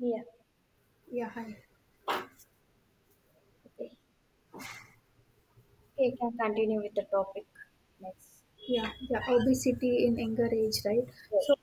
Yeah. Yeah, hi. Okay. Okay, you can continue with the topic next. Yeah, yeah, obesity in younger age, right? Yes. So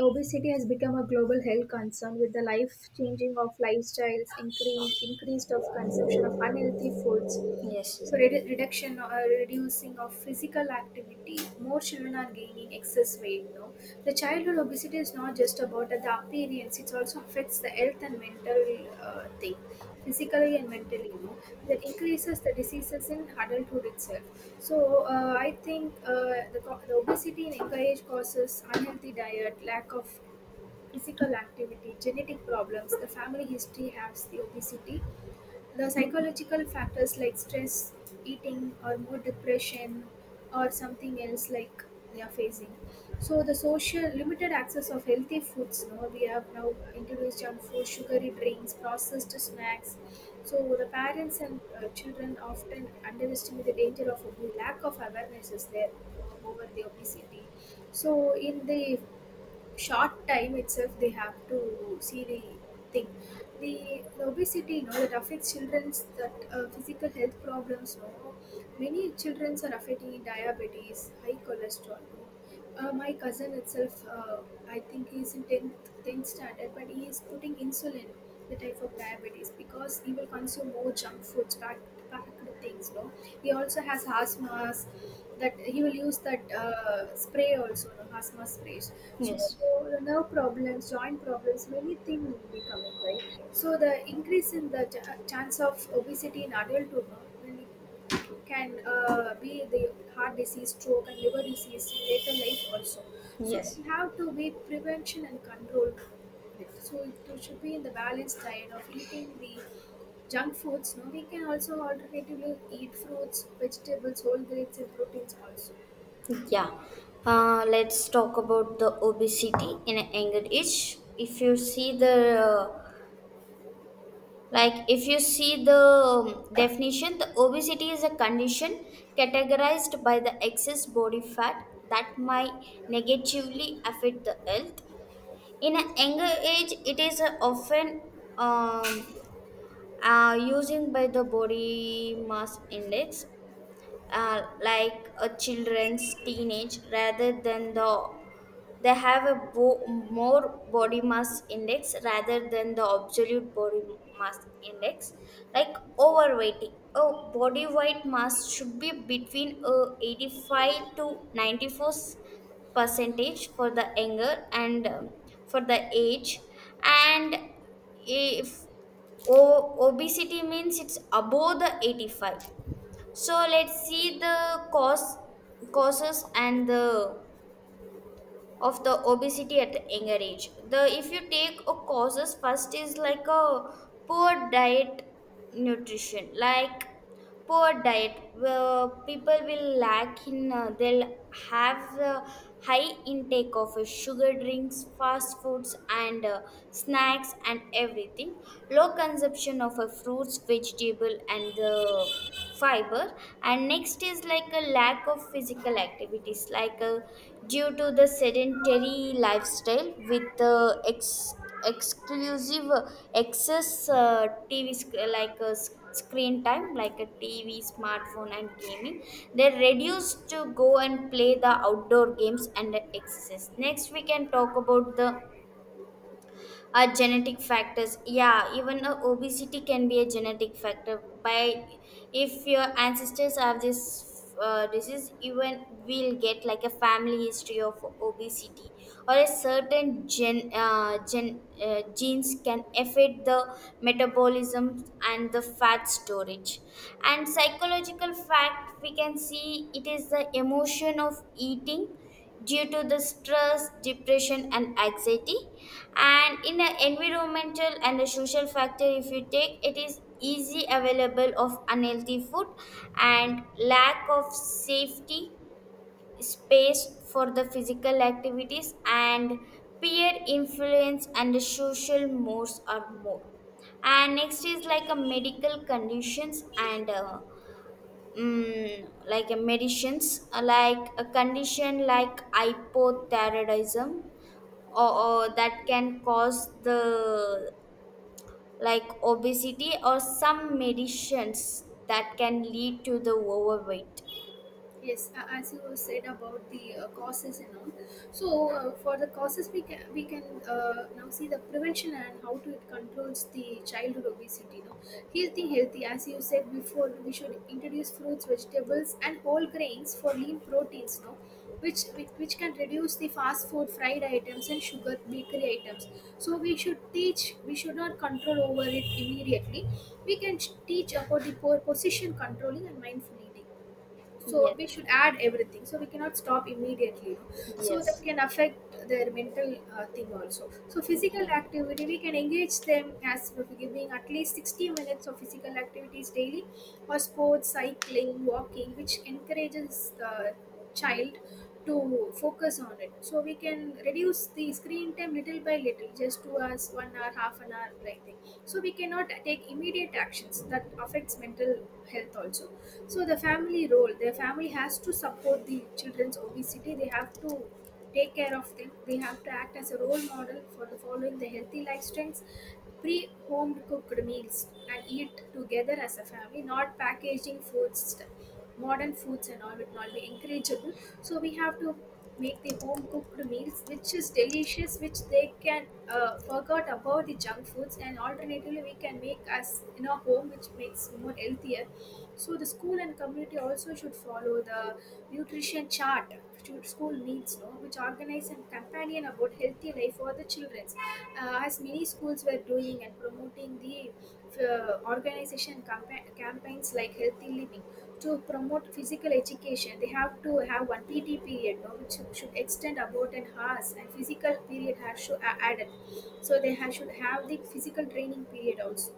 obesity has become a global health concern with the life changing of lifestyles, increase, increased of consumption of unhealthy foods. Yes, So reduction or reducing of physical activity, more children are gaining excess weight. No, the childhood obesity is not just about the appearance; it also affects the health and mental thing, physically and mentally. That increases the diseases in adulthood itself. So I think the obesity in younger age causes unhealthy diet, lack of physical activity, genetic problems, the family history has the obesity, the psychological factors like stress, eating, or mood depression, or something else like they are facing. So the social limited access of healthy foods. No, we have now introduced junk food, sugary drinks, processed snacks. So the parents and children often underestimate the danger of obesity. Lack of awareness is there over the obesity. So in the short time itself they have to see the thing, the obesity, that affects children's that physical health problems, no, many children are affecting diabetes, high cholesterol. My cousin itself, I think he's in 10th standard, but he is putting insulin, the type of diabetes, because he will consume more junk foods, packed things. No, he also has asthmas. That he will use that spray also, no asthma sprays. So yes, nerve problems, joint problems, many things will be coming, right? So the increase in the chance of obesity in adulthood, no, then it can be the heart disease, stroke, and liver disease in later life also. So yes. we have to be prevention and control it. So it should be in the balanced diet of eating the junk foods. No, we can also alternatively eat fruits, vegetables, whole grains, and proteins also. Yeah. Let's talk about the obesity in a younger age. If you see the if you see the definition, the obesity is a condition categorized by the excess body fat that might negatively affect the health. In an age when um, you mass index, like a chest they have more boss index rather than mass index, like overweighting a overweight mass between 85 to 94 percentage for the younger and for the age, and if obesity means it's above the 85. So let's see the cause causes and the of the obesity at a younger age. The if you take a causes, first is like a poor diet nutrition, like poor diet where people will lack in they'll have high intake of sugar drinks, fast foods, and snacks and everything, low consumption of fruits, vegetable, and the fiber. And next is like a lack of physical activities, like due to the sedentary lifestyle with exclusive excess tv like screen time, like a tv, smartphone, and gaming, they reduced to go and play the outdoor games and exercise. Next, we can talk about the are genetic factors. Yeah, even obesity can be a genetic factor by if your ancestors have this disease, even we'll get like a family history of obesity, or a certain genes can affect the metabolism and the fat storage. And psychological fact, we can see it is the emotion of eating due to the stress, depression, and anxiety. And in an environmental and a social factor, if you take, it is easy available of unhealthy food and lack of safety space for the physical activities, and peer influence and the social mores are more. And next is like a medical conditions and like a medicines, like a condition like hypothyroidism, or that can cause the like obesity, or some medicines that can lead to the overweight. Yes, as you said about the causes and all. So for the causes, we can now see the prevention and how to it controls the childhood obesity. No, healthy. As you said before, we should introduce fruits, vegetables, and whole grains for lean proteins. No, which can reduce the fast food, fried items, and sugar bakery items. So we should teach. We should not control over it immediately. We can teach about the position controlling and mindful eating, so Yes. we should add everything, so we cannot stop immediately, So that Yes. can affect their mental thing also. So physical Yeah. activity, we can engage them as we're giving at least 60 minutes of physical activities daily, or sports, cycling, walking, which encourages the child to focus on it. So we can reduce the screen time little by little, just 2 hours, 1 hour, half an hour like that. So we cannot take immediate actions that affects mental health also. So the family role, their family has to support the children's obesity. They have to take care of them. They have to act as a role model for the following the healthy lifestyles. Pre Home cooked meals and eat together as a family, not packaging foods, modern foods and all would not be encourageable. So we have to make the home cooked meals which is delicious, which they can forget about the junk foods, and alternatively we can make us in our home which makes more healthier. So the school and community also should follow the nutrition chart to school needs, no, which organize and companion about healthy life for the children. As many schools were doing and promoting the organization campaigns like healthy living, to promote physical education, they have to have one PT period, no, which should extend about an hour, and physical period has to added. So they should have the physical training period also.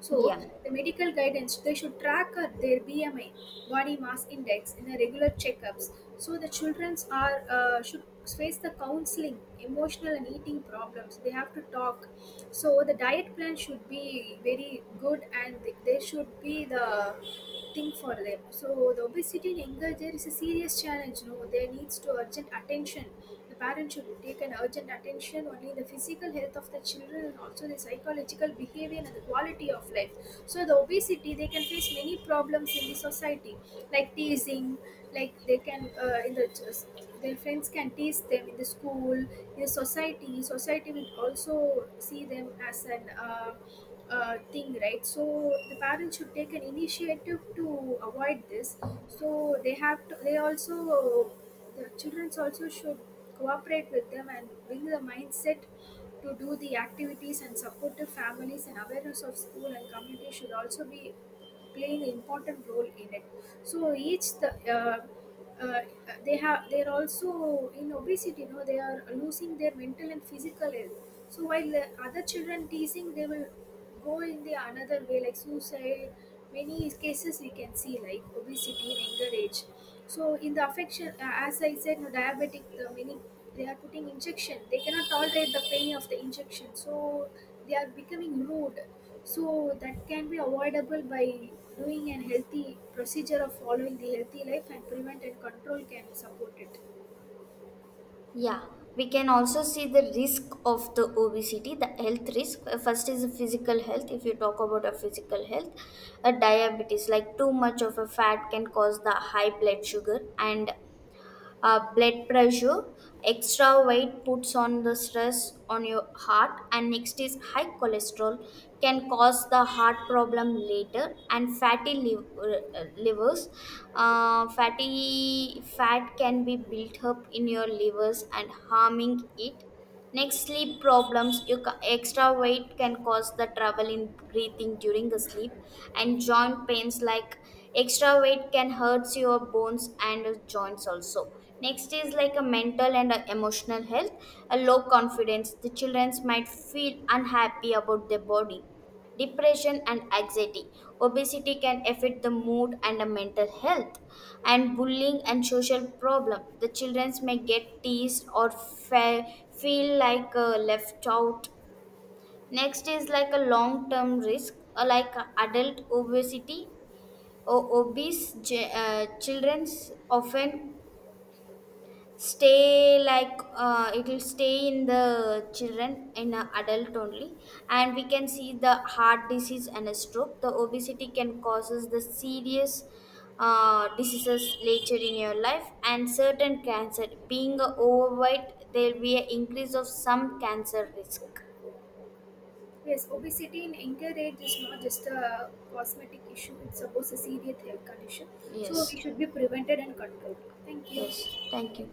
So Yeah, the medical guidance, they should track their BMI, body mass index, in a regular checkups. So the childrens are should face the counseling, emotional and eating problems. They have to talk. So the diet plan should be very good, and there should be the thing for them. So the obesity in younger there is a serious challenge. No, there needs to urgent attention. The parents should take an urgent attention only the physical health of the children and also the psychological behavior and the quality of life. So the obesity, they can face many problems in the society like teasing, like they can in the their friends can tease them in the school, in the society. Society will also see them as an thing, right? So the parents should take an initiative to avoid this. So they have to. They also the childrens also should cooperate with them and build the mindset to do the activities, and supportive families and awareness of school and community should also be playing an important role in it. So each the uh, they have they are also in obesity. You know they are losing their mental and physical health. So while the other children teasing, they will go in the another way like suicide. Many cases we can see like obesity in younger age. So in the affection, as I said, no diabetic, the many they are putting injection. They cannot tolerate the pain of the injection, so they are becoming rude. So that can be avoidable by doing a healthy procedure of following the healthy life, and prevent and control can support it. Yeah, we can also see the risk of the obesity, the health risk. First is the physical health. If you talk about a physical health, a diabetes, like too much of a fat can cause the high blood sugar and blood pressure. Extra weight puts on the stress on your heart. And next is high cholesterol, can cause the heart problem later. And fatty livers, fatty fat can be built up in your livers and harming it. Next, sleep problems. Your extra weight can cause the trouble in breathing during the sleep, and joint pains, like extra weight can hurt your bones and joints also. Next is like a mental and emotional health, a low confidence. The children might feel unhappy about their body, depression, and anxiety. Obesity can affect the mood and the mental health. And bullying and social problem. The children may get teased or feel like left out. Next is like a long-term risk, like adult obesity. Obese children often stay, like, it will stay in the children in a adult only. And we can see the heart disease and a stroke, the obesity can causes the serious diseases later in your life. And certain cancer, being a overweight, there will be an increase of some cancer risk. Yes, obesity in younger age is not just a cosmetic issue; it's supposed a serious health condition. So Yes. we should be prevented and controlled. Thank Yes, you. thank you.